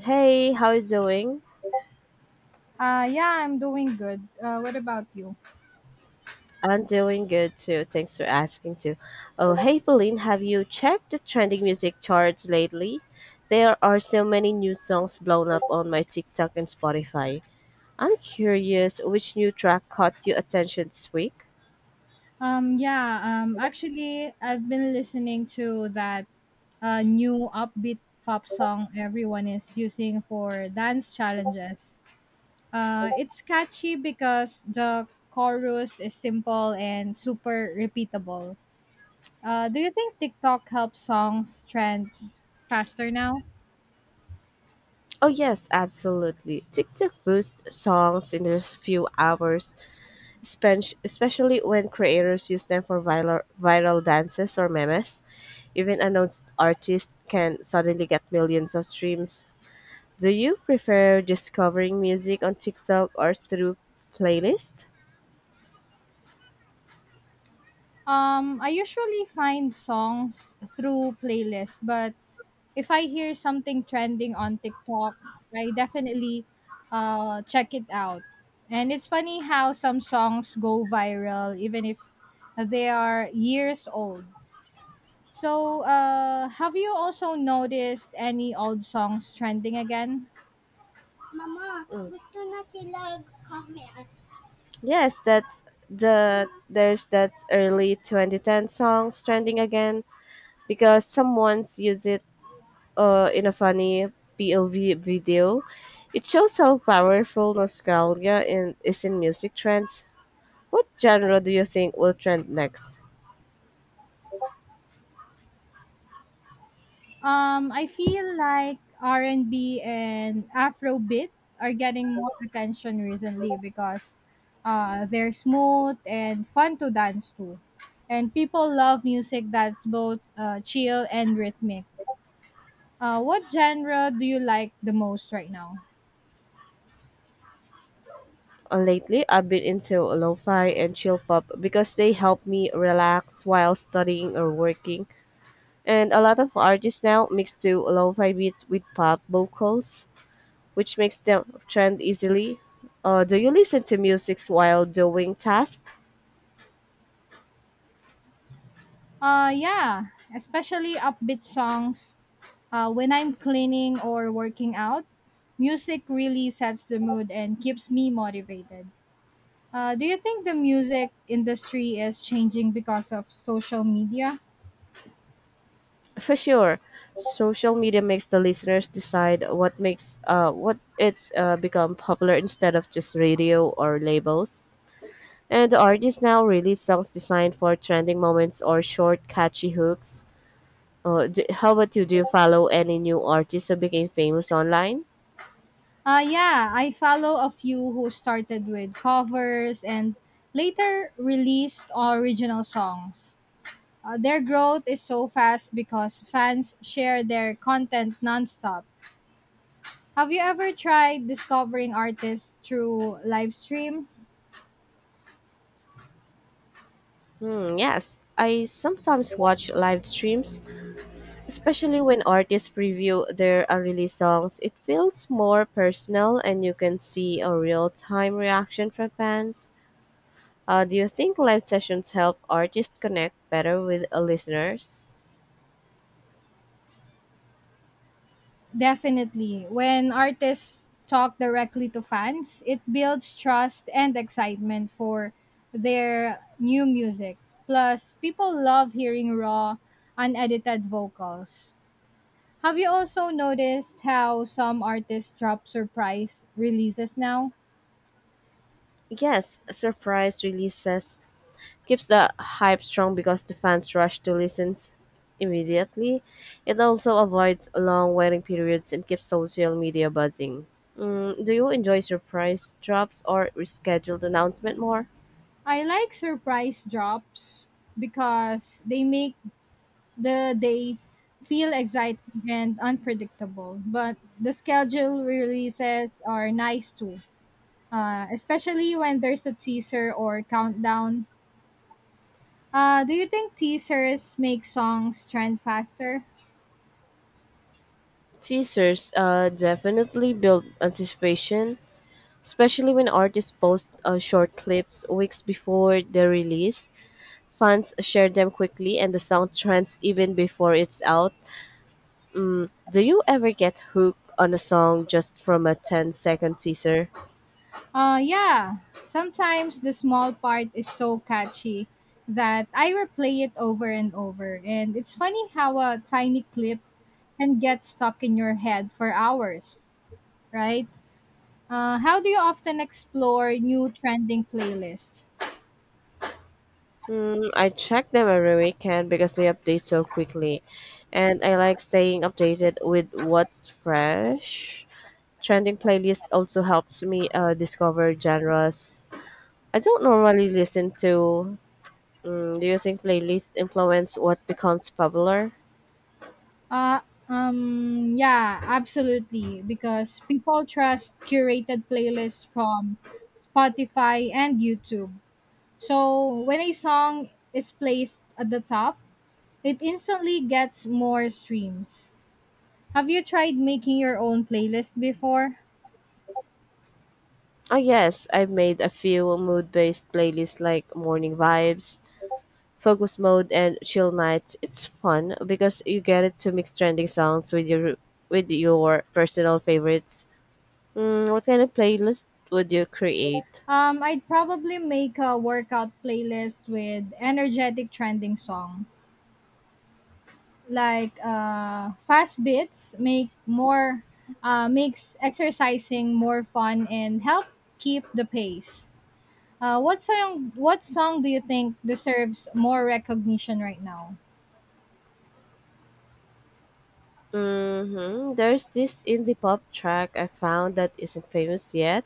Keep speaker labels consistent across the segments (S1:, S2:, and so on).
S1: Hey, how you doing?
S2: Yeah, I'm doing good. What about you?
S1: I'm doing good too. Thanks for asking too. Oh, hey, Pauline, have you checked the trending music charts lately? There are so many new songs blown up on my TikTok and Spotify. I'm curious which new track caught your attention this week?
S2: Yeah, actually, I've been listening to that new upbeat pop song everyone is using for dance challenges. It's catchy because the chorus is simple and super repeatable. Do you think TikTok helps songs trends faster now?
S1: Oh, yes, absolutely. TikTok boosts songs in just a few hours, especially when creators use them for viral dances or memes. Even announced artists can suddenly get millions of streams. Do you prefer discovering music on TikTok or through playlist?
S2: I usually find songs through playlists, but if I hear something trending on TikTok, I definitely check it out. And it's funny how some songs go viral even if they are years old. So have you also noticed any old songs trending again?
S1: Yes, that's the there's that early 2010 song trending again because someone's used it in a funny POV video. It shows how powerful nostalgia is in music trends. What genre do you think will trend next?
S2: I feel like R and B and Afrobeat are getting more attention recently because they're smooth and fun to dance to, and people love music that's both chill and rhythmic. What genre do you like the most right now?
S1: Lately, I've been into lo-fi and chill pop because they help me relax while studying or working. And a lot of artists now mix to lo-fi beats with pop vocals, which makes them trend easily. Do you listen to music while doing tasks?
S2: Yeah, especially upbeat songs. When I'm cleaning or working out, music really sets the mood and keeps me motivated. Do you think the music industry is changing because of social media?
S1: For sure. Social media makes the listeners decide what makes what it's become popular instead of just radio or labels. And the artists now release songs designed for trending moments or short, catchy hooks. D How about you? Do you follow any new artists who became famous online?
S2: Yeah, I follow a few who started with covers and later released original songs. Their growth is so fast because fans share their content nonstop. Have you ever tried discovering artists through live streams?
S1: Hmm, yes. I sometimes watch live streams, especially when artists preview their unreleased songs. It feels more personal and you can see a real time reaction from fans. Do you think live sessions help artists connect better with listeners?
S2: Definitely. When artists talk directly to fans, it builds trust and excitement for their new music. Plus, people love hearing raw, unedited vocals. Have you also noticed how some artists drop surprise releases now?
S1: Yes, surprise releases keeps the hype strong because the fans rush to listen immediately. It also avoids long waiting periods and keeps social media buzzing. Mm, do you enjoy surprise drops or rescheduled announcement more?
S2: I like surprise drops because they make the day feel exciting and unpredictable, but the schedule releases are nice too, especially when there's a teaser or countdown. Do you think teasers make songs trend faster?
S1: Teasers definitely build anticipation, especially when artists post short clips weeks before the release. Fans share them quickly, and the song trends even before it's out. Do you ever get hooked on a song just from a ten-second teaser?
S2: Uh, yeah, sometimes the small part is so catchy that I replay it over and over. And it's funny how a tiny clip can get stuck in your head for hours, right? How do you often explore new trending playlists?
S1: Mm, I check them every weekend because they update so quickly. And I like staying updated with what's fresh. Trending playlist also helps me discover genres I don't normally listen to. Mm, do you think playlists influence what becomes popular?
S2: Uh, yeah, absolutely. Because people trust curated playlists from Spotify and YouTube. So when a song is placed at the top, it instantly gets more streams. Have you tried making your own playlist before?
S1: Oh, yes, I've made a few mood based playlists like Morning Vibes focus mode and chill nights. It's fun because you get to mix trending songs with your personal favorites. Mm, what kind of playlist would you create?
S2: I'd probably make a workout playlist with energetic trending songs, like fast bits make more, makes exercising more fun and help keep the pace. What song do you think deserves more recognition right now?
S1: There's this indie pop track I found that isn't famous yet,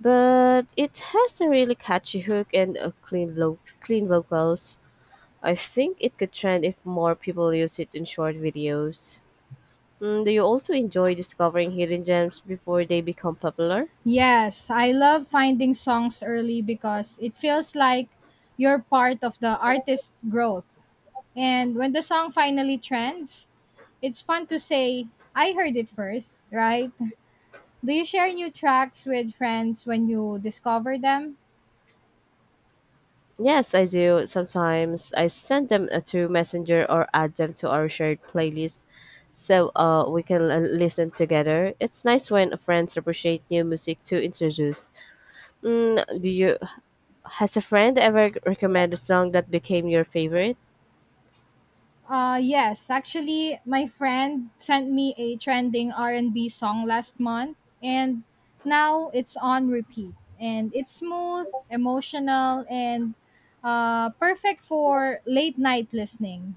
S1: but it has a really catchy hook and a clean vocals. I think it could trend if more people use it in short videos. Mm, do you also enjoy discovering hidden gems before they become popular?
S2: Yes, I love finding songs early because it feels like you're part of the artist's growth. And when the song finally trends, it's fun to say, I heard it first, right? Do you share new tracks with friends when you discover them?
S1: Yes, I do. Sometimes I send them to Messenger or add them to our shared playlist so we can listen together. It's nice when friends appreciate new music to introduce. Do you has a friend ever recommended a song that became your favorite?
S2: Uh, yes, actually my friend sent me a trending R&B song last month and now it's on repeat, and it's smooth, emotional and perfect for late night listening.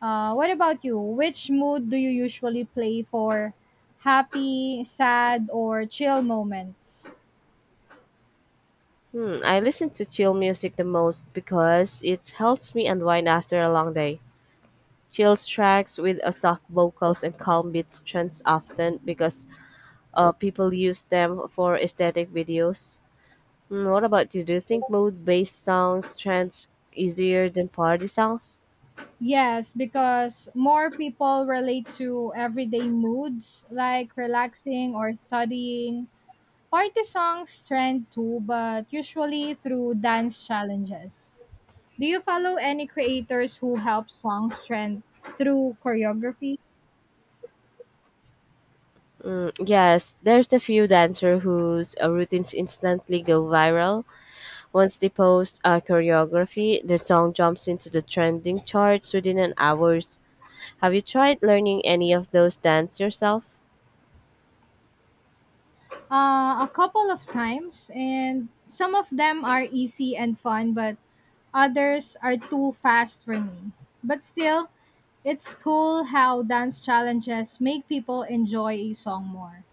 S2: What about you? Which mood do you usually play for happy, sad or chill moments?
S1: Hmm, I listen to chill music the most because it helps me unwind after a long day. Chill tracks with soft vocals and calm beats trends often because people use them for aesthetic videos. Mm, what about you? Do you think mood-based songs trends easier than party songs?
S2: Yes, because more people relate to everyday moods like relaxing or studying. Party songs trend too, but usually through dance challenges. Do you follow any creators who help songs trend through choreography?
S1: Mm, yes, there's a few dancer whose routines instantly go viral. Once they post a choreography, the song jumps into the trending charts within an hours. Have you tried learning any of those dance yourself?
S2: A couple of times, and some of them are easy and fun, but others are too fast for me. But still, it's cool how dance challenges make people enjoy a song more.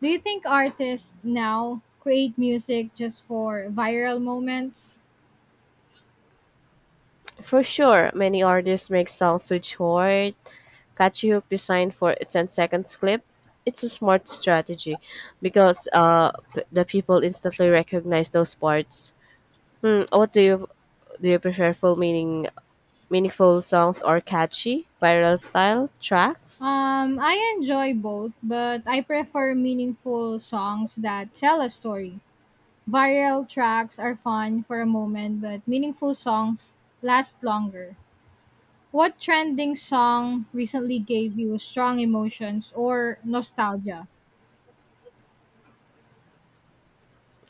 S2: Do you think artists now create music just for viral moments?
S1: For sure, many artists make songs with short, catchy hook designed for a 10 seconds clip. It's a smart strategy because the people instantly recognize those parts. Hmm, what do you Do you prefer full meaning meaningful songs or catchy viral style tracks?
S2: I enjoy both, but I prefer meaningful songs that tell a story. Viral tracks are fun for a moment, but meaningful songs last longer. What trending song recently gave you strong emotions or nostalgia?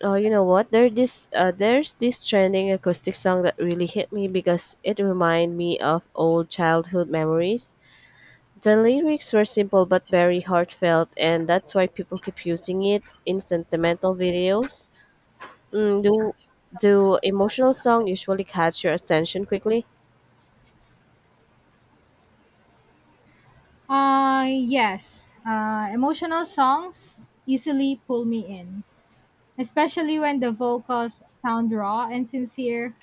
S1: Oh, you know what? There's this trending acoustic song that really hit me because it reminded me of old childhood memories. The lyrics were simple but very heartfelt, and that's why people keep using it in sentimental videos. Mm, do do emotional song usually catch your attention quickly?
S2: Yes. Emotional songs easily pull me in, especially when the vocals sound raw and sincere.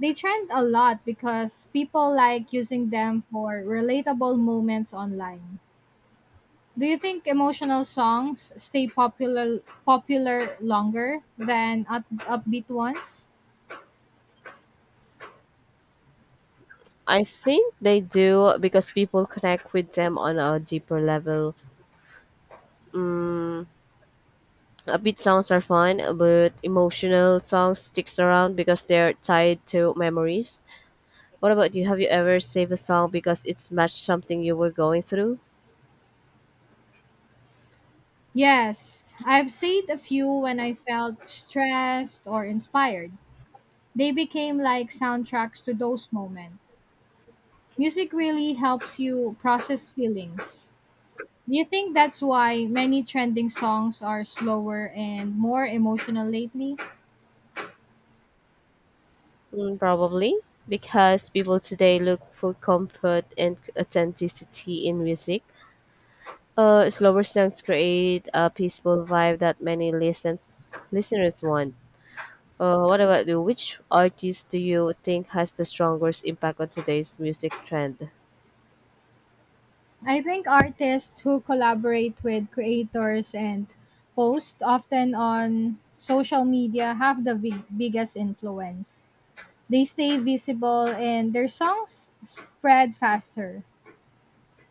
S2: They trend a lot because people like using them for relatable moments online. Do you think emotional songs stay popular longer than upbeat ones?
S1: I think they do because people connect with them on a deeper level. Mm, upbeat songs are fun, but emotional songs sticks around because they're tied to memories. What about you? Have you ever saved a song because it's matched something you were going through?
S2: Yes, I've saved a few when I felt stressed or inspired. They became like soundtracks to those moments. Music really helps you process feelings. Do you think that's why many trending songs are slower and more emotional lately?
S1: Mm, probably because people today look for comfort and authenticity in music. Slower songs create a peaceful vibe that many listens listeners want. What about you? Which artist do you think has the strongest impact on today's music trend?
S2: I think artists who collaborate with creators and post often on social media have the biggest influence. They stay visible and their songs spread faster.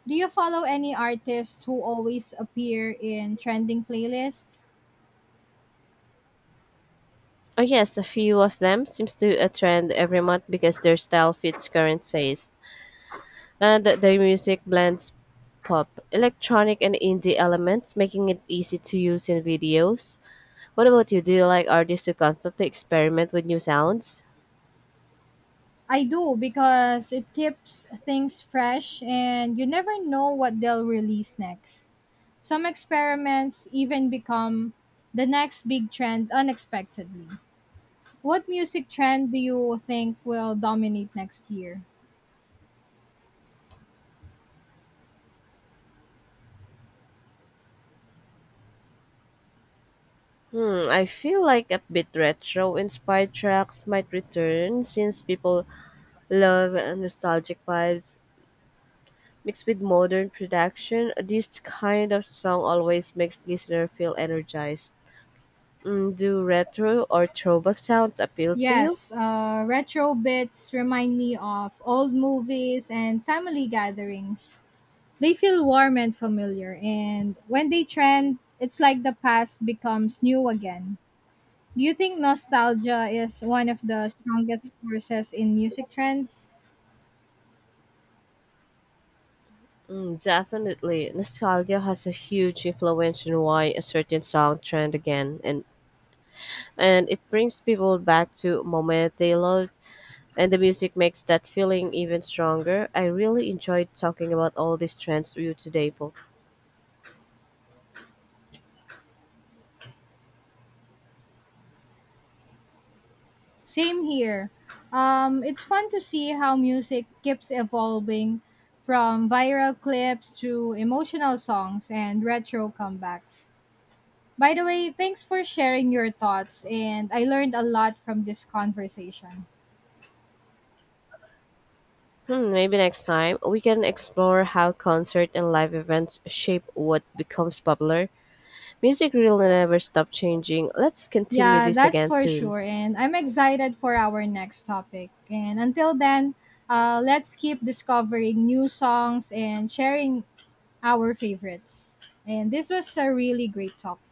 S2: Do you follow any artists who always appear in trending playlists?
S1: Oh yes, a few of them seems to a trend every month because their style fits current taste, and their music blends pop, electronic, and indie elements, making it easy to use in videos. What about you? Do you like artists who constantly experiment with new sounds?
S2: I do because it keeps things fresh and you never know what they'll release next. Some experiments even become the next big trend unexpectedly. What music trend do you think will dominate next year?
S1: Hmm, I feel like a bit retro inspired tracks might return since people love nostalgic vibes mixed with modern production. This kind of song always makes listener feel energized. Mm, do retro or throwback sounds appeal to you?
S2: Yes, retro bits remind me of old movies and family gatherings. They feel warm and familiar, and when they trend, it's like the past becomes new again. Do you think nostalgia is one of the strongest forces in music trends?
S1: Mm, definitely. Nostalgia has a huge influence on why a certain song trend again, and it brings people back to moments they loved, and the music makes that feeling even stronger. I really enjoyed talking about all these trends with you today, Paul.
S2: Same here. It's fun to see how music keeps evolving from viral clips to emotional songs and retro comebacks. By the way, thanks for sharing your thoughts, and I learned a lot from this conversation.
S1: Hmm, maybe next time we can explore how concert and live events shape what becomes popular. Music really never stop changing. Let's continue
S2: Yeah,
S1: this
S2: that's
S1: again
S2: for
S1: soon.
S2: sure, and I'm excited for our next topic. And until then, let's keep discovering new songs and sharing our favorites. And this was a really great topic.